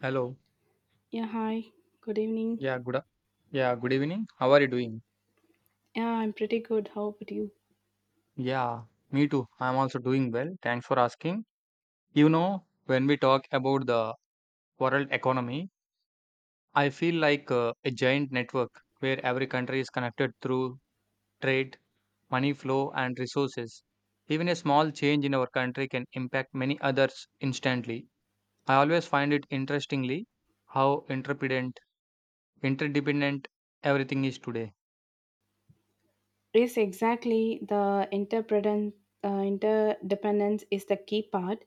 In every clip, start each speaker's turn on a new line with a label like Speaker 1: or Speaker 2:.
Speaker 1: Hello.
Speaker 2: Yeah, hi. Good evening.
Speaker 1: Yeah, good. a- Yeah, good evening. How are you doing?
Speaker 2: Yeah, I'm pretty good. How about you?
Speaker 1: Yeah, Me too. I'm also doing well. Thanks for asking. You know, when we talk about the world economy, I feel like a giant network where every country is connected through trade, money flow, and resources. Even a small change in our country can impact many others instantly. I always find it interestingly how interdependent everything is today.
Speaker 2: Yes, exactly. The interdependence is the key part.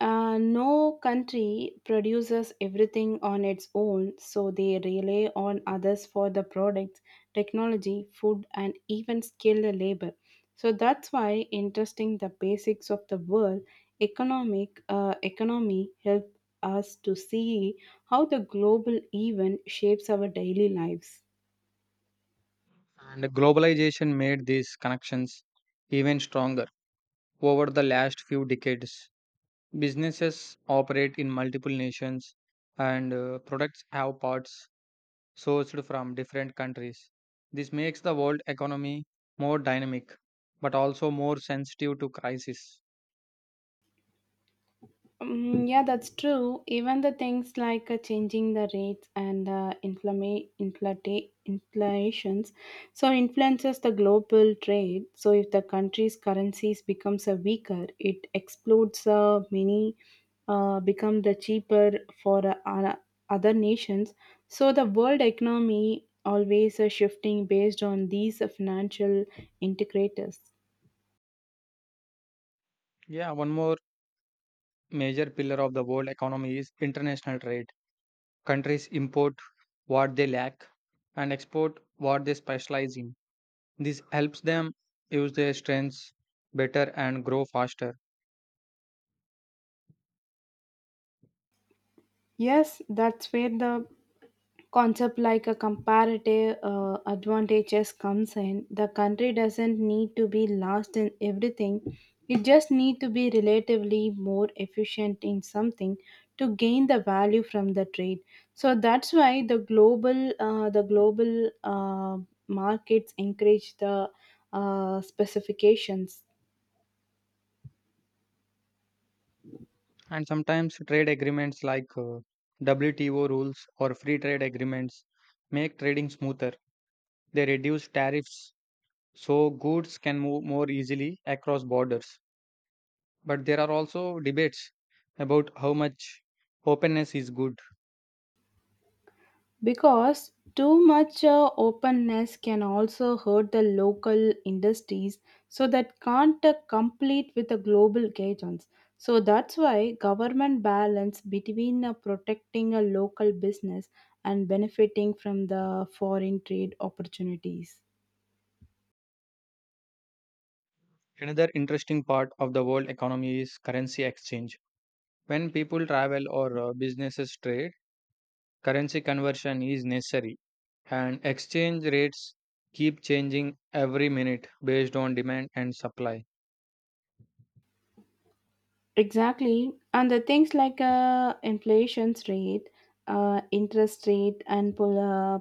Speaker 2: No country produces everything on its own, so they rely on others for the products, technology, food, and even skilled labor. So that's why interesting the basics of the world economic economy help us to see how the global event shapes our daily lives.
Speaker 1: And globalization made these connections even stronger. Over the last few decades, businesses operate in multiple nations and products have parts sourced from different countries. This makes the world economy more dynamic but also more sensitive to crisis.
Speaker 2: Mm, yeah, that's true. Even the things like changing the rates and inflations, so influences the global trade. So if the country's currencies becomes a weaker, it explodes many become the cheaper for other nations. So the world economy always shifting based on these financial integrators.
Speaker 1: Yeah, one more major pillar of the world economy is international trade. Countries import what they lack and export what they specialize in. This helps them use their strengths better and grow faster.
Speaker 2: Yes, that's where the concept like a comparative advantages comes in. The country doesn't need to be last in everything, it just need to be relatively more efficient in something to gain the value from the trade. So that's why the global the global uh, markets encourage the specifications.
Speaker 1: And sometimes trade agreements like WTO rules or free trade agreements make trading smoother. They reduce tariffs so goods can move more easily across borders. But there are also debates about how much openness is good.
Speaker 2: Because too much openness can also hurt the local industries, so that can't complete with the global guidance. So that's why government balance between protecting a local business and benefiting from the foreign trade opportunities.
Speaker 1: Another interesting part of the world economy is currency exchange. When people travel or businesses trade, currency conversion is necessary, and exchange rates keep changing every minute based on demand and supply.
Speaker 2: Exactly, and the things like inflation rate, interest rate, and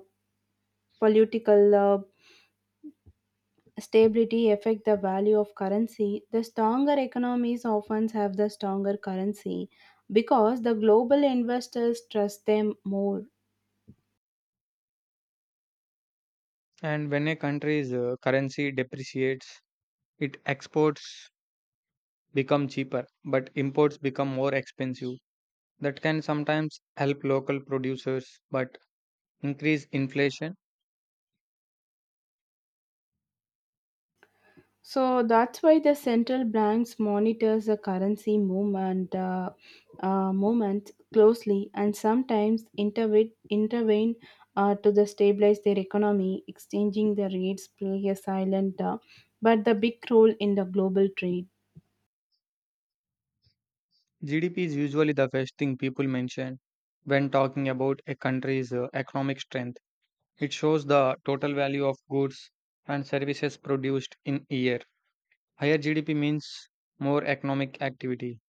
Speaker 2: political stability affect the value of currency. The stronger economies often have the stronger currency because the global investors trust them more.
Speaker 1: And when a country's currency depreciates, its exports become cheaper, but imports become more expensive. That can sometimes help local producers but increase inflation.
Speaker 2: So that's why the central banks monitors the currency movement closely, and sometimes intervene to the stabilize their economy. Exchanging the rates play a silent but the big role in the global trade.
Speaker 1: GDP is usually the first thing people mention when talking about a country's economic strength. It shows the total value of goods and services produced in a year. Higher GDP means more economic activity,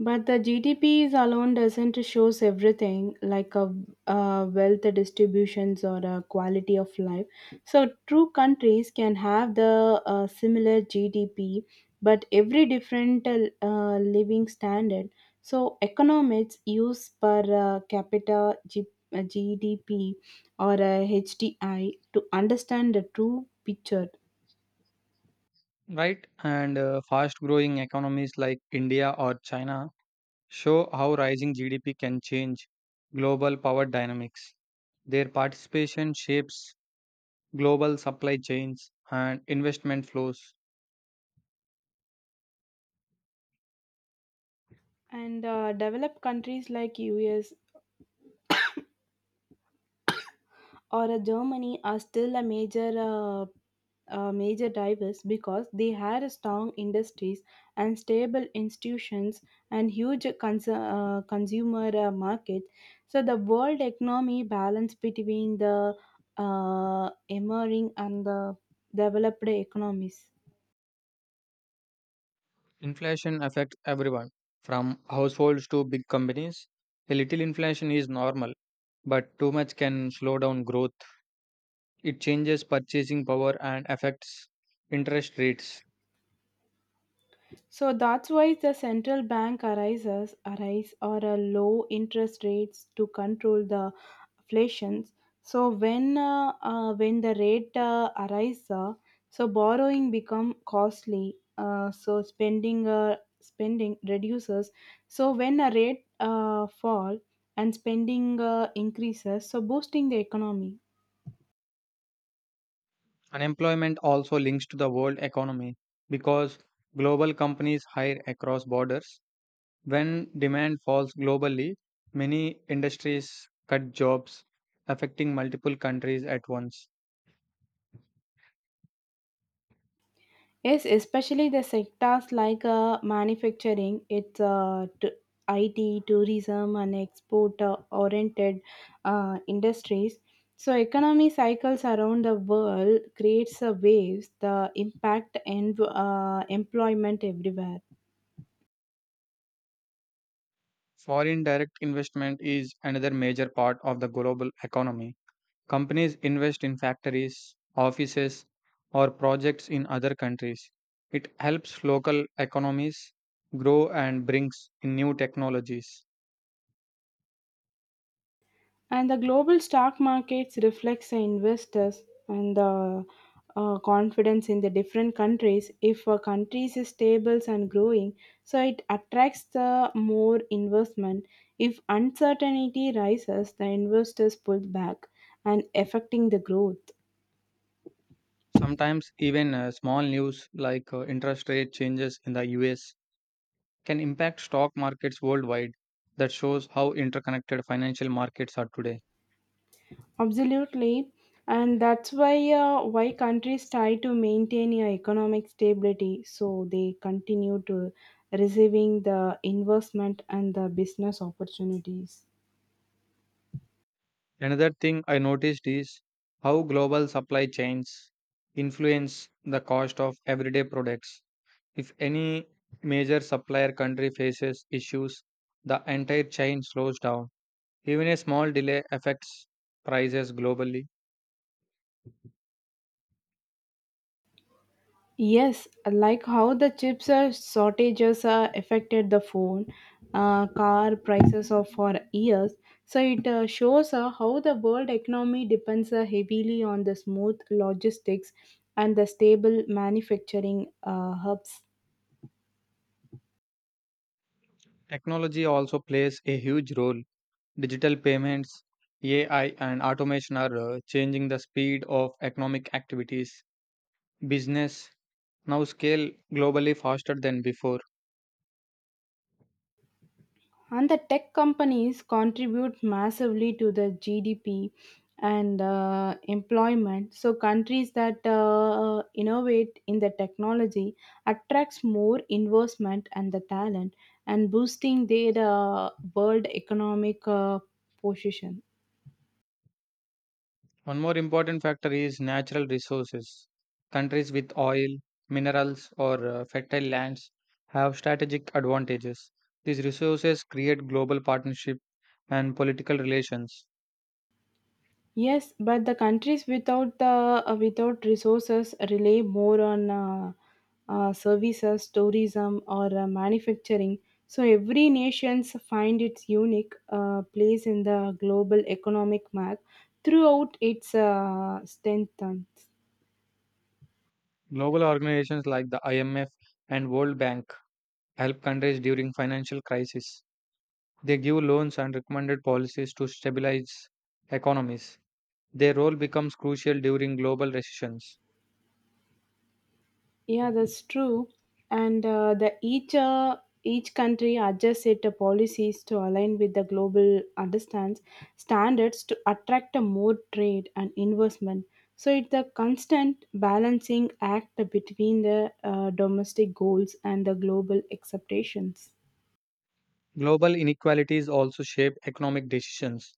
Speaker 2: But the GDP is alone doesn't shows everything like a wealth distributions or a quality of life. So true countries can have the similar GDP, but every different living standard. So economics use per capita GDP or a HDI to understand the true picture.
Speaker 1: right? And fast growing economies like India or China show how rising GDP can change global power dynamics. Their participation shapes global supply chains and investment flows.
Speaker 2: And developed countries like US or Germany are still a major drivers because they had strong industries and stable institutions and huge consumer market. So the world economy balance between the emerging and the developed economies.
Speaker 1: Inflation affects everyone, from households to big companies. A little inflation is normal, but too much can slow down growth. It changes purchasing power and affects interest rates.
Speaker 2: So that's why the central bank arise or a low interest rates to control the inflations. So when the rate arises, so borrowing become costly. So spending reduces. So when a rate fall and spending increases, so boosting the economy.
Speaker 1: Unemployment also links to the world economy because global companies hire across borders. When demand falls globally, many industries cut jobs, affecting multiple countries at once.
Speaker 2: Yes, especially the sectors like manufacturing, it's IT, tourism, and export-oriented industries. So, economy cycles around the world creates a waves, the impact and employment everywhere.
Speaker 1: Foreign direct investment is another major part of the global economy. Companies invest in factories, offices, or projects in other countries. It helps local economies grow and brings in new technologies.
Speaker 2: And the global stock markets reflects the investors and the confidence in the different countries. If a country is stable and growing, so it attracts the more investment. If uncertainty rises, the investors pull back and affecting the growth.
Speaker 1: Sometimes, even small news like interest rate changes in the US can impact stock markets worldwide. That shows how interconnected financial markets are today.
Speaker 2: Absolutely, and that's why countries try to maintain a economic stability, so they continue to receiving the investment and the business opportunities.
Speaker 1: Another thing I noticed is how global supply chains influence the cost of everyday products. If any major supplier country faces issues, the entire chain slows down. Even a small delay affects prices globally.
Speaker 2: Yes, like how the chips are shortages are affected the phone, car prices of for years. So it shows how the world economy depends heavily on the smooth logistics and the stable manufacturing hubs.
Speaker 1: Technology also plays a huge role. Digital payments, AI, and automation are changing the speed of economic activities. Business now scale globally faster than before.
Speaker 2: And the tech companies contribute massively to the gdp and employment. So countries that innovate in the technology attracts more investment and the talent, and boosting their world economic position.
Speaker 1: One more important factor is natural resources. Countries with oil, minerals, or fertile lands have strategic advantages. These resources create global partnership and political relations.
Speaker 2: Yes, but the countries without the without resources rely more on services, tourism, or manufacturing. So every nations find its unique place in the global economic map throughout its strength.
Speaker 1: Global organizations like the IMF and World Bank help countries during financial crisis. They give loans and recommended policies to stabilize economies. Their role becomes crucial during global recessions.
Speaker 2: Yeah, that's true. And the each country adjusts its policies to align with the global understands standards to attract a more trade and investment. So it's a constant balancing act between the domestic goals and the global expectations.
Speaker 1: Global inequalities also shape economic decisions.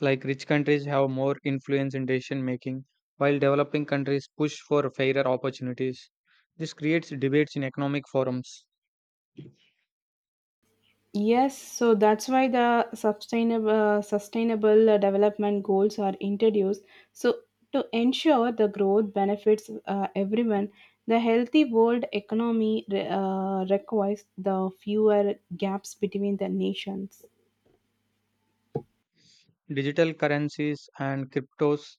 Speaker 1: Like rich countries have more influence in decision making, while developing countries push for fairer opportunities. This creates debates in economic forums.
Speaker 2: Yes, so that's why the sustainable development goals are introduced. So to ensure the growth benefits everyone, the healthy world economy requires the fewer gaps between the nations.
Speaker 1: Digital currencies and cryptos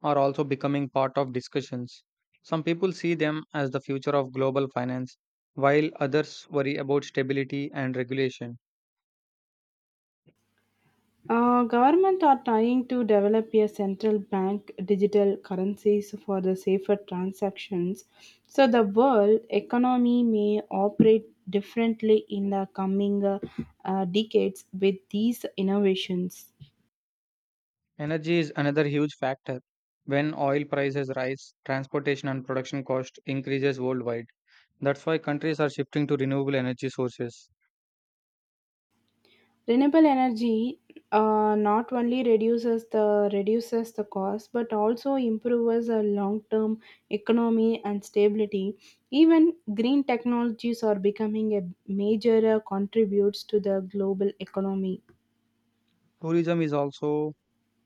Speaker 1: are also becoming part of discussions. Some people see them as the future of global finance, while others worry about stability and regulation.
Speaker 2: Government are trying to develop a central bank digital currencies for the safer transactions. So the world economy may operate differently in the coming decades with these innovations.
Speaker 1: Energy is another huge factor. When oil prices rise, transportation and production cost increases worldwide. That's why countries are shifting to renewable energy sources.
Speaker 2: Renewable energy not only reduces the cost, but also improves the long term economy and stability. Even green technologies are becoming a major contributes to the global economy.
Speaker 1: Tourism is also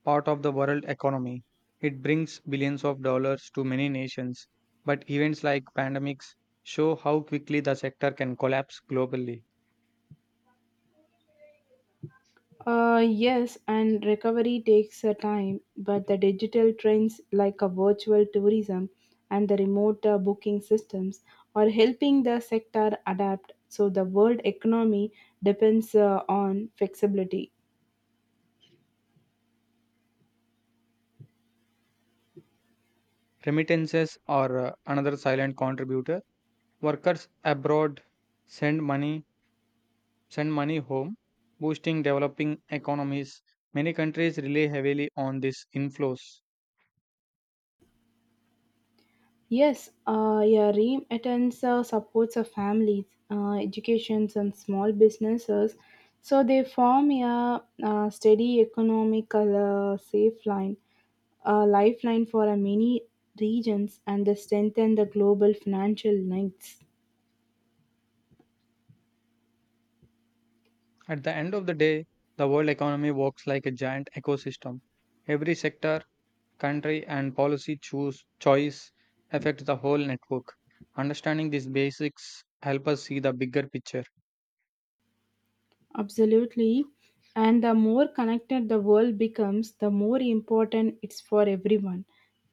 Speaker 1: part of the world economy. It brings billions of dollars to many nations, but events like pandemics show how quickly the sector can collapse globally.
Speaker 2: Yes, and recovery takes a time, but the digital trends like a virtual tourism and the remote booking systems are helping the sector adapt. So the world economy depends on flexibility.
Speaker 1: Remittances are another silent contributor. Workers abroad send money send money home, boosting developing economies. Many countries rely heavily on these inflows.
Speaker 2: Yes, yeah, REAM attends supports of families, educations, and small businesses, so they form yeah, a, steady economical safe line, a lifeline for many regions, and they strengthen the global financial links.
Speaker 1: At the end of the day, the world economy works like a giant ecosystem. Every sector country and policy choose choice affect the whole network. Understanding these basics help us see the bigger picture.
Speaker 2: Absolutely. And the more connected the world becomes, the more important it's for everyone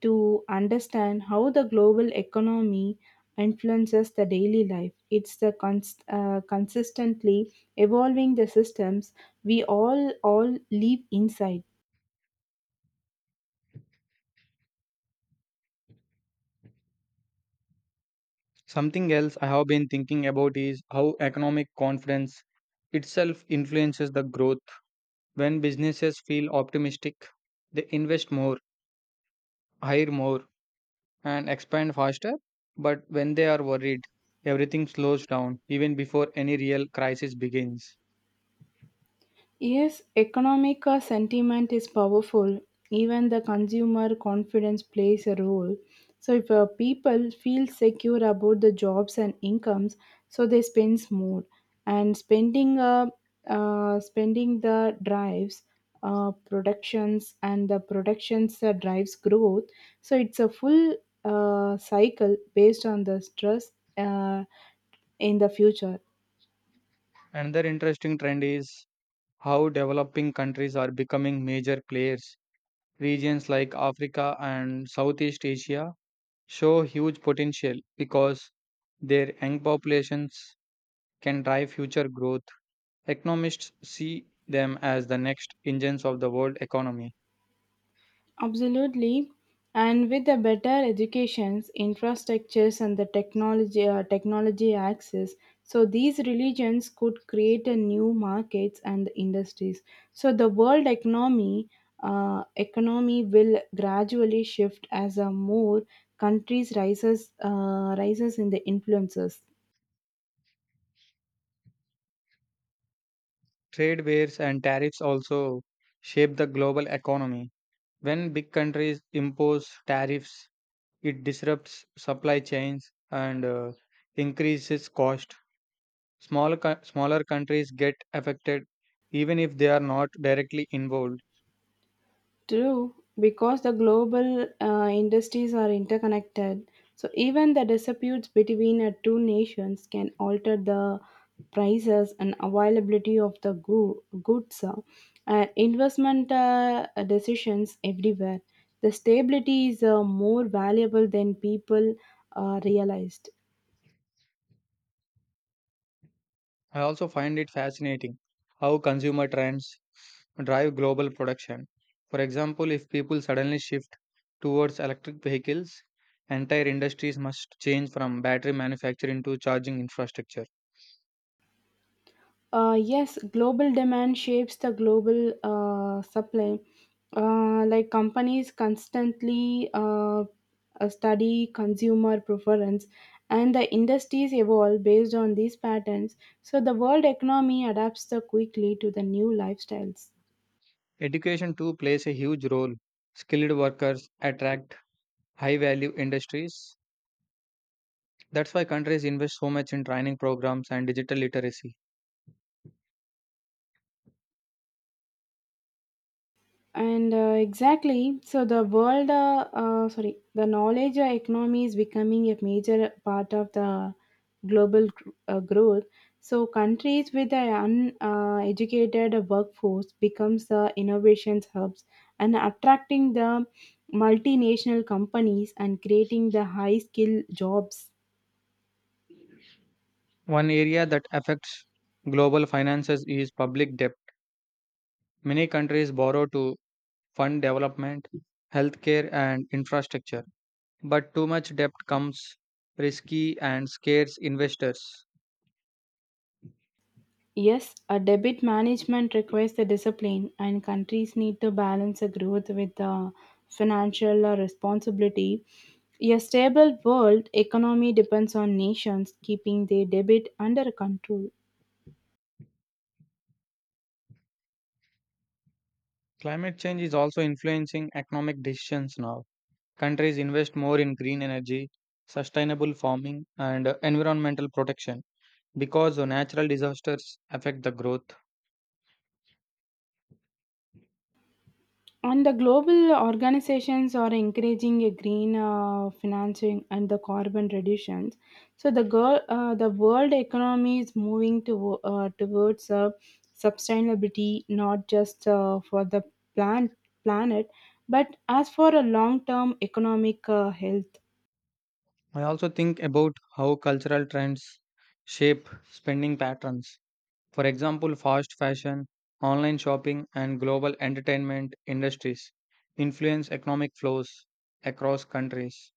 Speaker 2: to understand how the global economy influences the daily life. It's the consistently evolving the systems we all live inside.
Speaker 1: Something else I have been thinking about is how economic confidence itself influences the growth. When businesses feel optimistic, they invest more, hire more, and expand faster. But when they are worried, everything slows down even before any real crisis begins.
Speaker 2: Yes, economic sentiment is powerful. Even the consumer confidence plays a role. So if people feel secure about the jobs and incomes, so they spend more. And spending the drives, productions, and the productions drives growth. So it's a full cycle based on the stress in the future.
Speaker 1: Another interesting trend is how developing countries are becoming major players. Regions like Africa and Southeast Asia show huge potential because their young populations can drive future growth. Economists see them as the next engines of the world economy.
Speaker 2: Absolutely. And with the better educations, infrastructures, and the technology access, so these religions could create a new markets and industries. So the world economy will gradually shift as a more countries rises in the influences.
Speaker 1: Trade wars and tariffs also shape the global economy. When big countries impose tariffs, it disrupts supply chains and increases cost. Smaller countries get affected even if they are not directly involved.
Speaker 2: True, because the global industries are interconnected. So even the disputes between two nations can alter the prices and availability of the goods and investment decisions everywhere. The stability is more valuable than people realized.
Speaker 1: I also find it fascinating how consumer trends drive global production. For example, if people suddenly shift towards electric vehicles, entire industries must change from battery manufacturing to charging infrastructure.
Speaker 2: Yes, global demand shapes the global supply. Like companies constantly study consumer preference, and the industries evolve based on these patterns. So the world economy adapts the quickly to the new lifestyles.
Speaker 1: Education too plays a huge role. Skilled workers attract high value industries. That's why countries invest so much in training programs and digital literacy.
Speaker 2: And exactly, so the world sorry the knowledge economy is becoming a major part of the global growth. So countries with an uneducated workforce becomes the innovations hubs, and attracting the multinational companies, and creating the high skill jobs.
Speaker 1: One area that affects global finances is public debt. Many countries borrow to fund development, healthcare, and infrastructure, but too much debt comes risky and scares investors.
Speaker 2: Yes, a debit management requires the discipline, and countries need to balance the growth with the financial responsibility. A stable world economy depends on nations keeping their debit under control.
Speaker 1: Climate change is also influencing economic decisions now. Countries invest more in green energy, sustainable farming, and environmental protection because the natural disasters affect the growth.
Speaker 2: And the global organizations are encouraging a green financing and the carbon reductions. So the the world economy is moving towards sustainability, not just for the plant, planet, but as for a long-term economic health.
Speaker 1: I also think about how cultural trends shape spending patterns. For example, fast fashion, online shopping, and global entertainment industries influence economic flows across countries.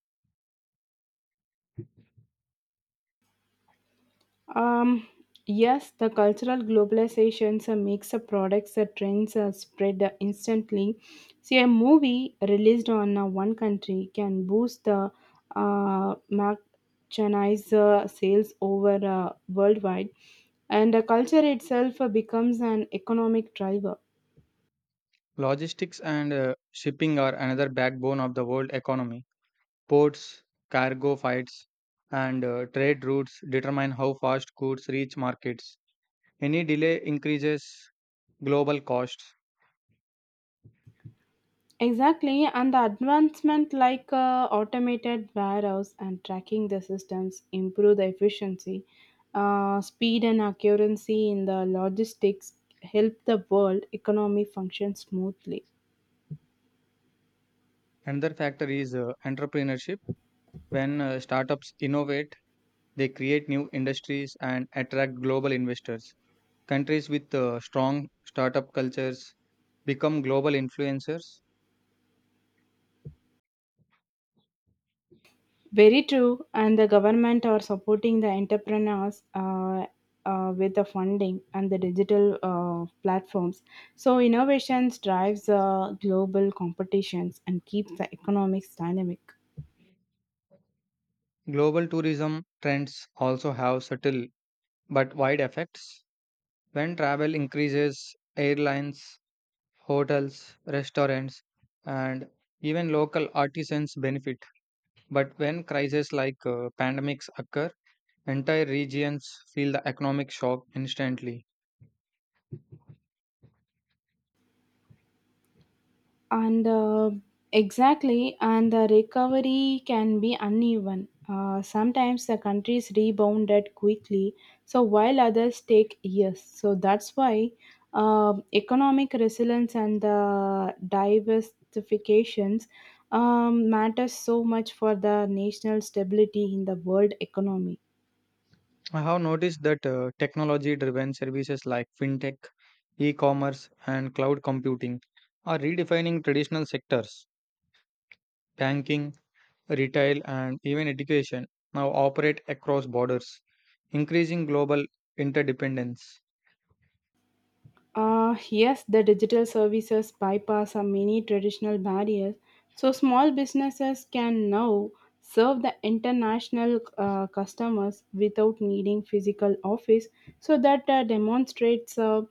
Speaker 2: Um, yes, the cultural globalizations makes the products the trends spread instantly. See, a movie released on one country can boost the merchandise sales over worldwide, and the culture itself becomes an economic driver.
Speaker 1: Logistics and shipping are another backbone of the world economy. Ports, cargo flights, and trade routes determine how fast goods reach markets. Any delay increases global costs.
Speaker 2: Exactly, and the advancement like automated warehouse and tracking the systems improve the efficiency, speed, and accuracy in the logistics help the world economy function smoothly.
Speaker 1: Another factor is entrepreneurship. When startups innovate, they create new industries and attract global investors. Countries with strong startup cultures become global influencers.
Speaker 2: Very true, and the government are supporting the entrepreneurs with the funding and the digital platforms. So innovations drives global competitions and keeps the economics dynamic.
Speaker 1: Global tourism trends also have subtle but wide effects. When travel increases, airlines, hotels, restaurants, and even local artisans benefit. But when crises like pandemics occur, entire regions feel the economic shock instantly.
Speaker 2: And exactly, and the recovery can be uneven. Sometimes the countries rebounded quickly, so while others take years. So that's why economic resilience and the diversifications matters so much for the national stability in the world economy.
Speaker 1: I have noticed that technology driven services like fintech, e commerce, and cloud computing are redefining traditional sectors. Banking, retail, and even education now operate across borders, increasing global interdependence.
Speaker 2: Yes, the digital services bypass are many traditional barriers, so small businesses can now serve the international customers without needing physical office. So that demonstrates uh,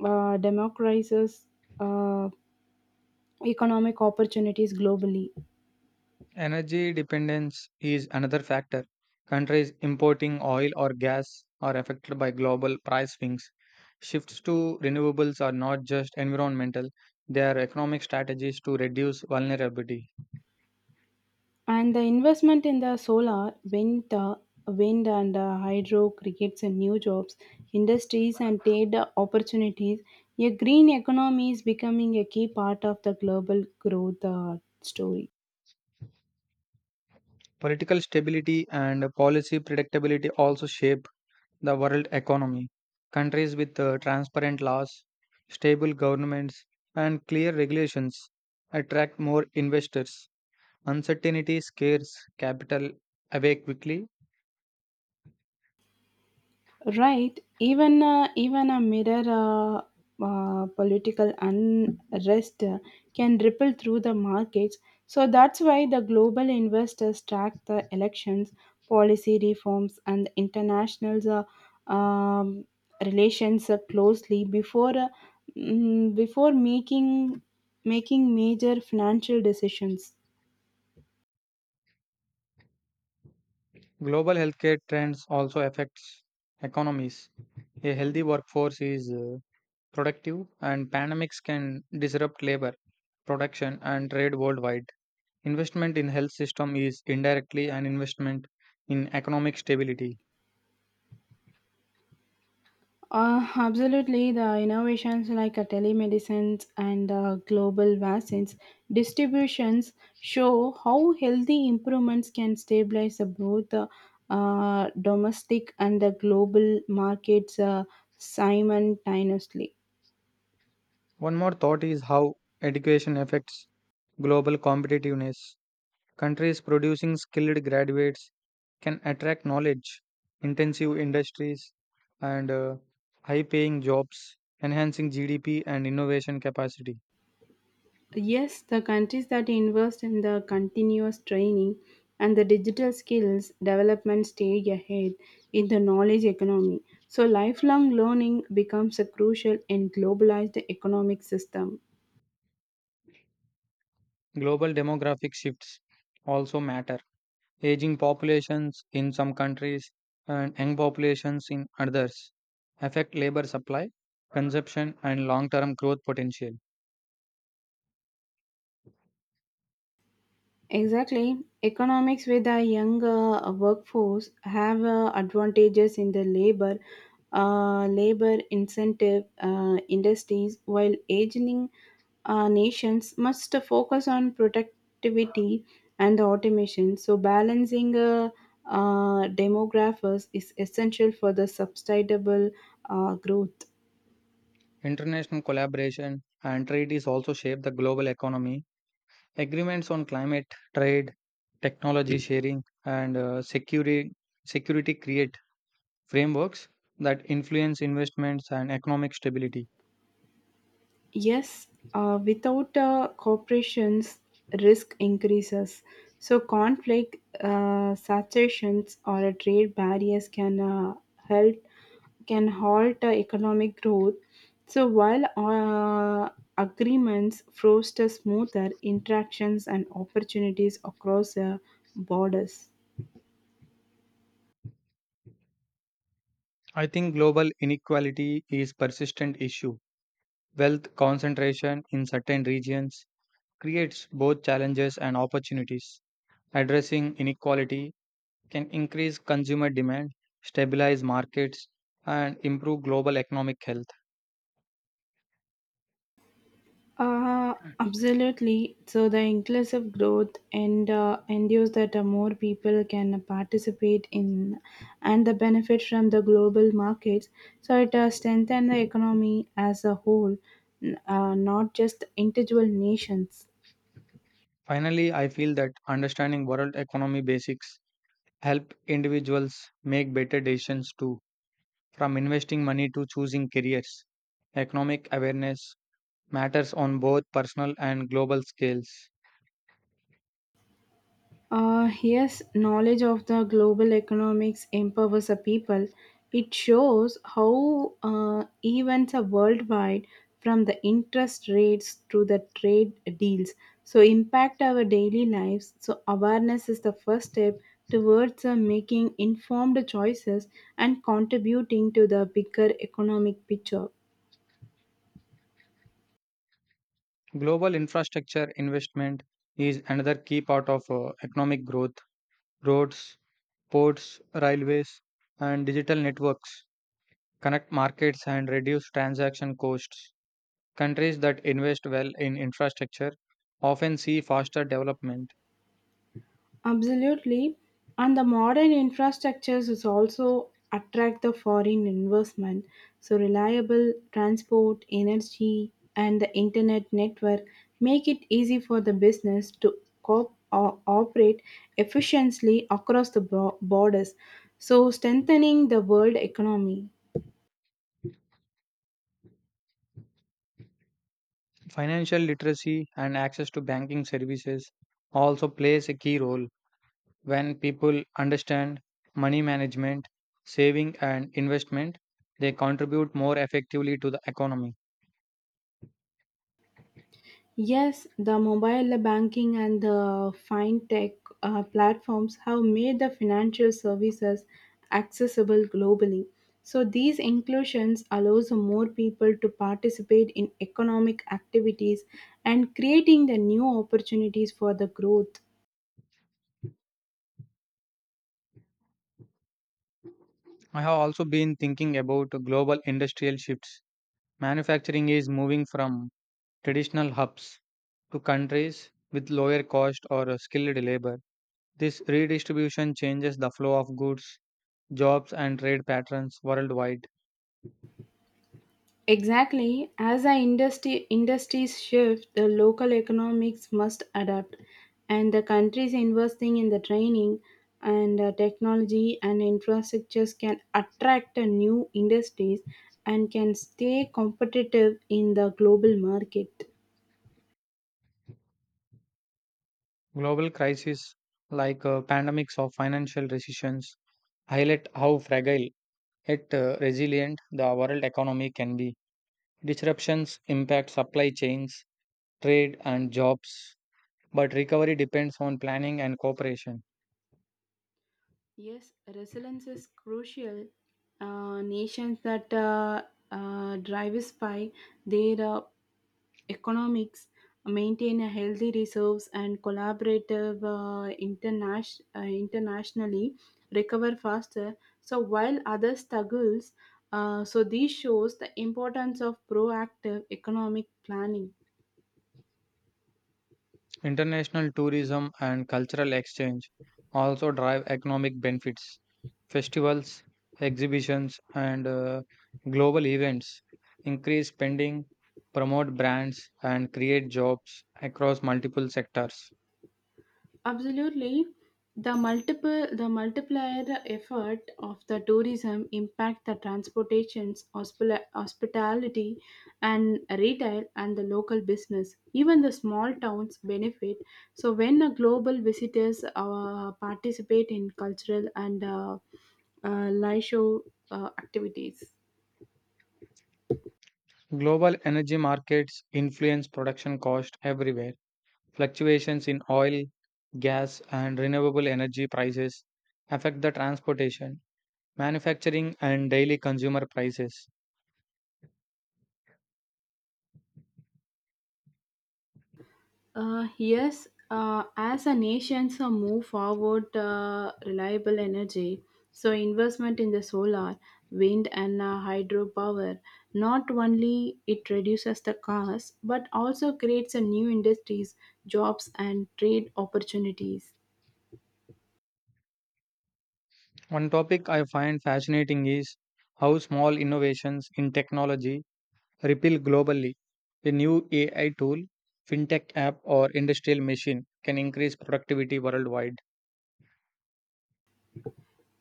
Speaker 2: uh, democratizes uh, economic opportunities globally.
Speaker 1: Energy dependence is another factor. Countries importing oil or gas are affected by global price swings. Shifts to renewables are not just environmental, they are economic strategies to reduce vulnerability.
Speaker 2: And the investment in the solar, wind and hydro creates a new jobs, industries, and trade opportunities. A green economy is becoming a key part of the global growth story.
Speaker 1: Political stability and policy predictability also shape the world economy. Countries with transparent laws, stable governments, and clear regulations attract more investors. Uncertainty scares capital away quickly.
Speaker 2: Right. Even a mirror political unrest can ripple through the markets. So that's why the global investors track the elections, policy reforms, and international uh, um, relations closely before making major financial decisions.
Speaker 1: Global healthcare trends also affects economies. A healthy workforce is productive, and pandemics can disrupt labor, production, and trade worldwide. Investment in health system is indirectly an investment in economic stability.
Speaker 2: Absolutely, the innovations like telemedicines and global vaccines distributions show how healthy improvements can stabilize both the domestic and the global markets simultaneously.
Speaker 1: One more thought is how education affects global competitiveness. Countries producing skilled graduates can attract knowledge intensive industries and high paying jobs, enhancing GDP and innovation capacity.
Speaker 2: Yes, the countries that invest in the continuous training and the digital skills development stay ahead in the knowledge economy. So, lifelong learning becomes a crucial in globalized economic system.
Speaker 1: Global demographic shifts also matter. Aging populations in some countries and young populations in others affect labor supply, consumption, and long term growth potential.
Speaker 2: Exactly. Economics with a younger workforce have advantages in the labor, labor incentive industries, while aging nations must focus on productivity and automation. So balancing demographics is essential for the sustainable growth.
Speaker 1: International collaboration and treaties also shape the global economy. Agreements on climate, trade, technology sharing, and security create frameworks that influence investments and economic stability.
Speaker 2: Yes, without corporations, risk increases. So, conflict, saturations, or a trade barriers can help can halt economic growth. So, while agreements foster smoother interactions and opportunities across borders.
Speaker 1: I think global inequality is persistent issue. Wealth concentration in certain regions creates both challenges and opportunities. Addressing inequality can increase consumer demand, stabilize markets, and improve global economic health.
Speaker 2: Absolutely. So the inclusive growth and ensures that more people can participate in and the benefit from the global markets. So it strengthens the economy as a whole, not just individual nations.
Speaker 1: Finally, I feel that understanding world economy basics help individuals make better decisions too. From investing money to choosing careers, economic awareness matters on both personal and global scales.
Speaker 2: Yes, knowledge of the global economics empowers a people. It shows how events are worldwide, from the interest rates to the trade deals, so impact our daily lives. So awareness is the first step towards making informed choices and contributing to the bigger economic picture.
Speaker 1: Global infrastructure investment is another key part of economic growth. Roads, ports, railways, and digital networks connect markets and reduce transaction costs. Countries that invest well in infrastructure often see faster development.
Speaker 2: Absolutely. And the modern infrastructures is also attract the foreign investment. So reliable transport, energy, and the internet network make it easy for the business to cope or operate efficiently across the borders. So strengthening the world economy.
Speaker 1: Financial literacy and access to banking services also plays a key role. When people understand money management, saving and investment, they contribute more effectively to the economy.
Speaker 2: Yes, the mobile banking and the fintech platforms have made the financial services accessible globally. So these inclusions allows more people to participate in economic activities and creating the new opportunities for the growth.
Speaker 1: I have also been thinking about global industrial shifts. Manufacturing is moving from traditional hubs to countries with lower cost or skilled labor. This redistribution changes the flow of goods, jobs, and trade patterns worldwide.
Speaker 2: Exactly. As the industry industries shift, the local economics must adapt, and the countries investing in the training and technology and infrastructures can attract new industries and can stay competitive in the global market.
Speaker 1: Global crises like pandemics or financial recessions highlight how fragile yet resilient the world economy can be. Disruptions impact supply chains, trade, and jobs, but recovery depends on planning and cooperation.
Speaker 2: Yes, resilience is crucial. Nations that diversify their economics, maintain a healthy reserves and collaborative internationally recover faster. So while others struggles, so this shows the importance of proactive economic planning.
Speaker 1: International tourism and cultural exchange also drive economic benefits. Festivals, exhibitions, and global events increase spending, promote brands, and create jobs across multiple sectors.
Speaker 2: Absolutely. The multiple the multiplier effort of the tourism impact the transportations, hospitality and retail and the local business. Even the small towns benefit. So when the global visitors participate in cultural and leisure activities.
Speaker 1: Global energy markets influence production cost everywhere. Fluctuations in oil, gas, and renewable energy prices affect the transportation, manufacturing, and daily consumer prices.
Speaker 2: Yes, as a nations move forward reliable energy, so investment in the solar, wind, and hydropower not only it reduces the cost but also creates a new industries, jobs, and trade opportunities.
Speaker 1: One topic I find fascinating is how small innovations in technology ripple globally. A new AI tool, fintech app, or industrial machine can increase productivity worldwide.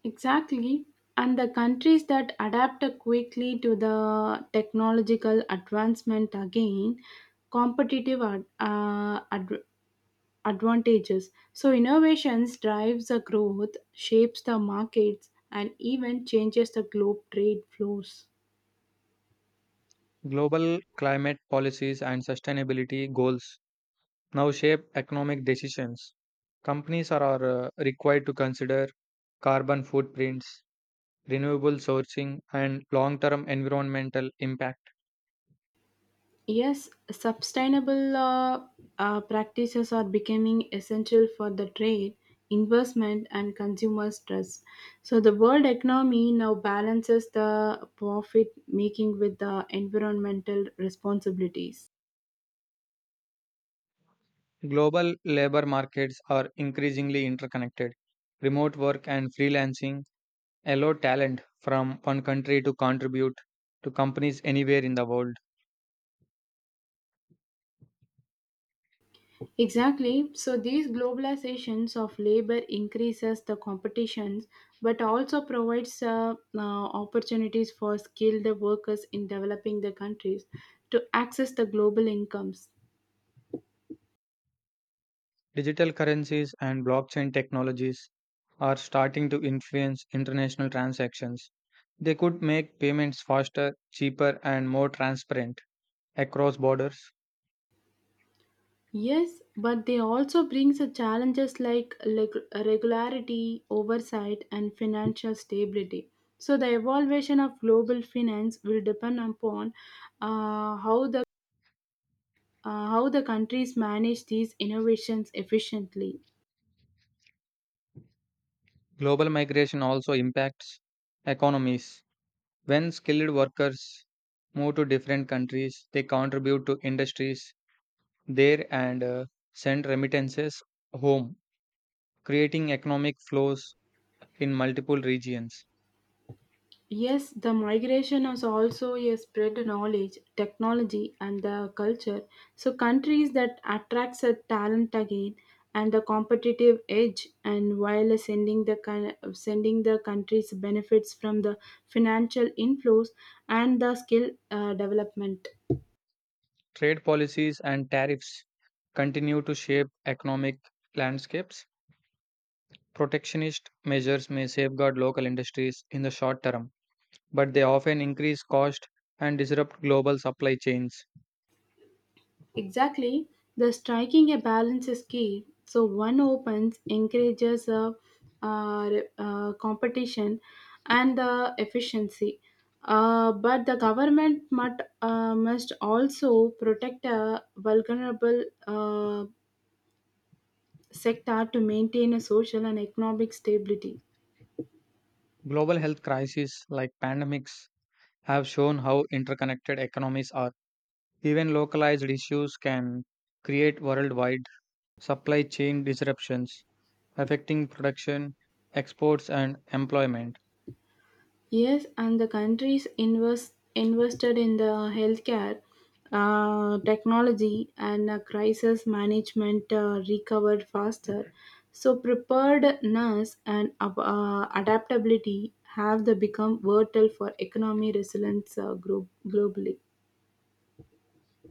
Speaker 2: Exactly, and the countries that adapt quickly to the technological advancement again competitive advantages. So innovations drives the growth, shapes the markets and even changes the globe trade flows.
Speaker 1: Global climate policies and sustainability goals now shape economic decisions. Companies are required to consider carbon footprints, renewable sourcing, and long term environmental impact.
Speaker 2: Yes, sustainable practices are becoming essential for the trade, investment, and consumers' trust. So, the world economy now balances the profit making with the environmental responsibilities.
Speaker 1: Global labor markets are increasingly interconnected. Remote work and freelancing allow talent from one country to contribute to companies anywhere in the world.
Speaker 2: Exactly. So these globalizations of labor increases the competitions, but also provides opportunities for skilled workers in developing the countries to access the global incomes.
Speaker 1: Digital currencies and blockchain technologies are starting to influence international transactions. They could make payments faster, cheaper, and more transparent across borders.
Speaker 2: Yes, but they also brings the challenges like regularity, oversight, and financial stability. So the evaluation of global finance will depend upon uh, how the how the countries manage these innovations efficiently.
Speaker 1: Global migration also impacts economies. When skilled workers move to different countries, they contribute to industries there and send remittances home, creating economic flows in multiple regions.
Speaker 2: Yes, the migration is also a spread knowledge, technology, and the culture. So countries that attracts a talent again and the competitive edge, and while sending the sending the countries benefits from the financial inflows and the skill development.
Speaker 1: Trade policies and tariffs continue to shape economic landscapes. Protectionist measures may safeguard local industries in the short term, but they often increase cost and disrupt global supply chains.
Speaker 2: Exactly, the striking a balance is key. So one opens encourages a, uh, competition and the efficiency, but the government must also protect a vulnerable sector to maintain a social and economic stability.
Speaker 1: Global health crises like pandemics have shown how interconnected economies are. Even localized issues can create worldwide supply chain disruptions, affecting production, exports, and employment.
Speaker 2: Yes, and the countries invested in the healthcare, technology, and crisis management recovered faster. So, preparedness and adaptability have the become vital for economy resilience globally.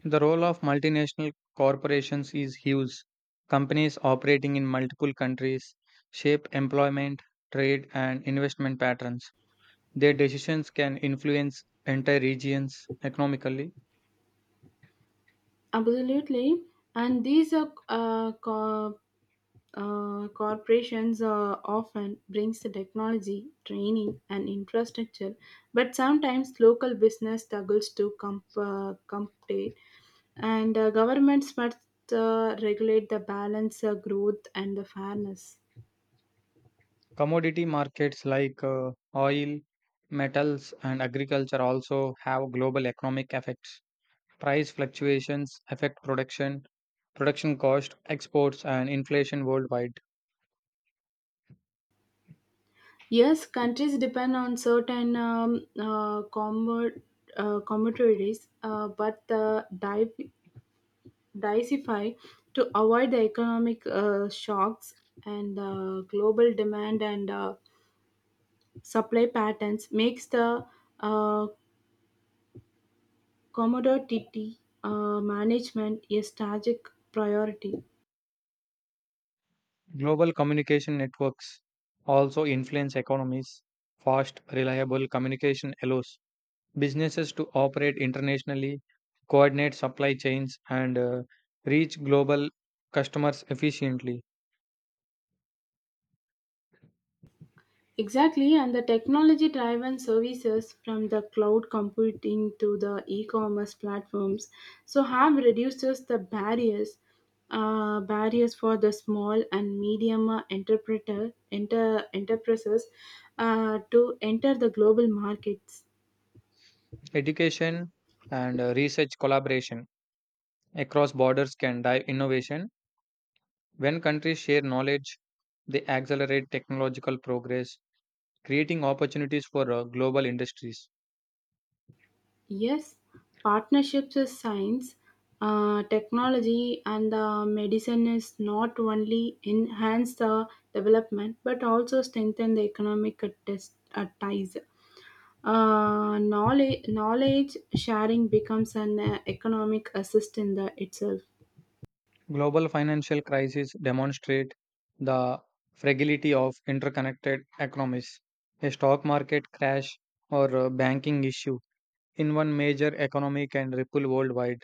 Speaker 1: The role of multinational corporations is huge. Companies operating in multiple countries shape employment, trade, and investment patterns. Their decisions can influence entire regions economically.
Speaker 2: Absolutely. And these are corporations often brings the technology, training, and infrastructure, but sometimes local business struggles to compete, and governments must regulate the balance, growth, and the fairness.
Speaker 1: Commodity markets like oil, metals, and agriculture also have global economic effects. Price fluctuations affect production cost, exports, and inflation worldwide.
Speaker 2: Yes, countries depend on certain commodities, but the diversify to avoid the economic shocks and global demand and supply patterns makes the uh, commodity management a strategic priority.
Speaker 1: Global communication networks also influence economies. Fast, reliable communication allows businesses to operate internationally, coordinate supply chains, and reach global customers efficiently.
Speaker 2: Exactly, and the technology driven services from the cloud computing to the e commerce platforms so have reduces the barriers for the small and medium enterprises to enter the global markets.
Speaker 1: Education and research collaboration across borders can drive innovation. When countries share knowledge, they accelerate technological progress creating opportunities for global industries.
Speaker 2: Yes, partnerships is science, technology, and the medicine is not only enhance the development but also strengthen the economic ties. Knowledge knowledge sharing becomes an economic assist in the itself.
Speaker 1: Global financial crises demonstrate the fragility of interconnected economies. A stock market crash or a banking issue in one major economy can ripple worldwide.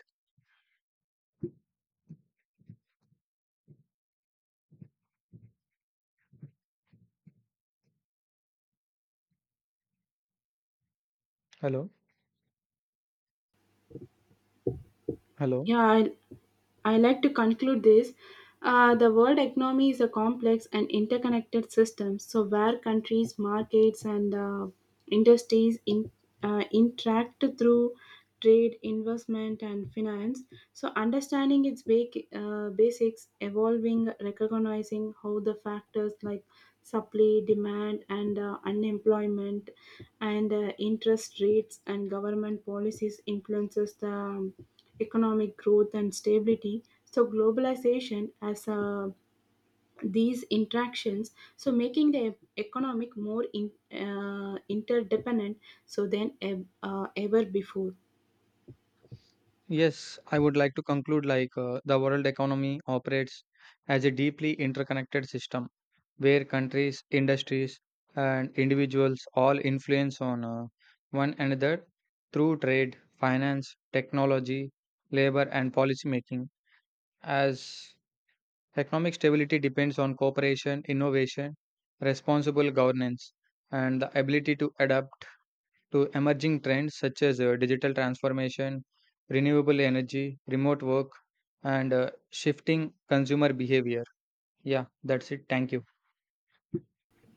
Speaker 1: Hello, hello.
Speaker 2: Yeah, I like to conclude this. The world economy is a complex and interconnected system, so where countries, markets, and industries in, interact through trade, investment, and finance. So, understanding its basics, evolving, recognizing how the factors like supply, demand, and unemployment, and interest rates and government policies influences the economic growth and stability so globalization as these interactions so making the economic more interdependent so than ever before
Speaker 1: Yes, I would like to conclude like the world economy operates as a deeply interconnected system where countries, industries, and individuals all influence on one another through trade, finance, technology, labor, and policy making. As economic stability depends on cooperation, innovation, responsible governance, and the ability to adapt to emerging trends such as digital transformation, renewable energy, remote work, and shifting consumer behavior. Yeah, that's it. Thank you.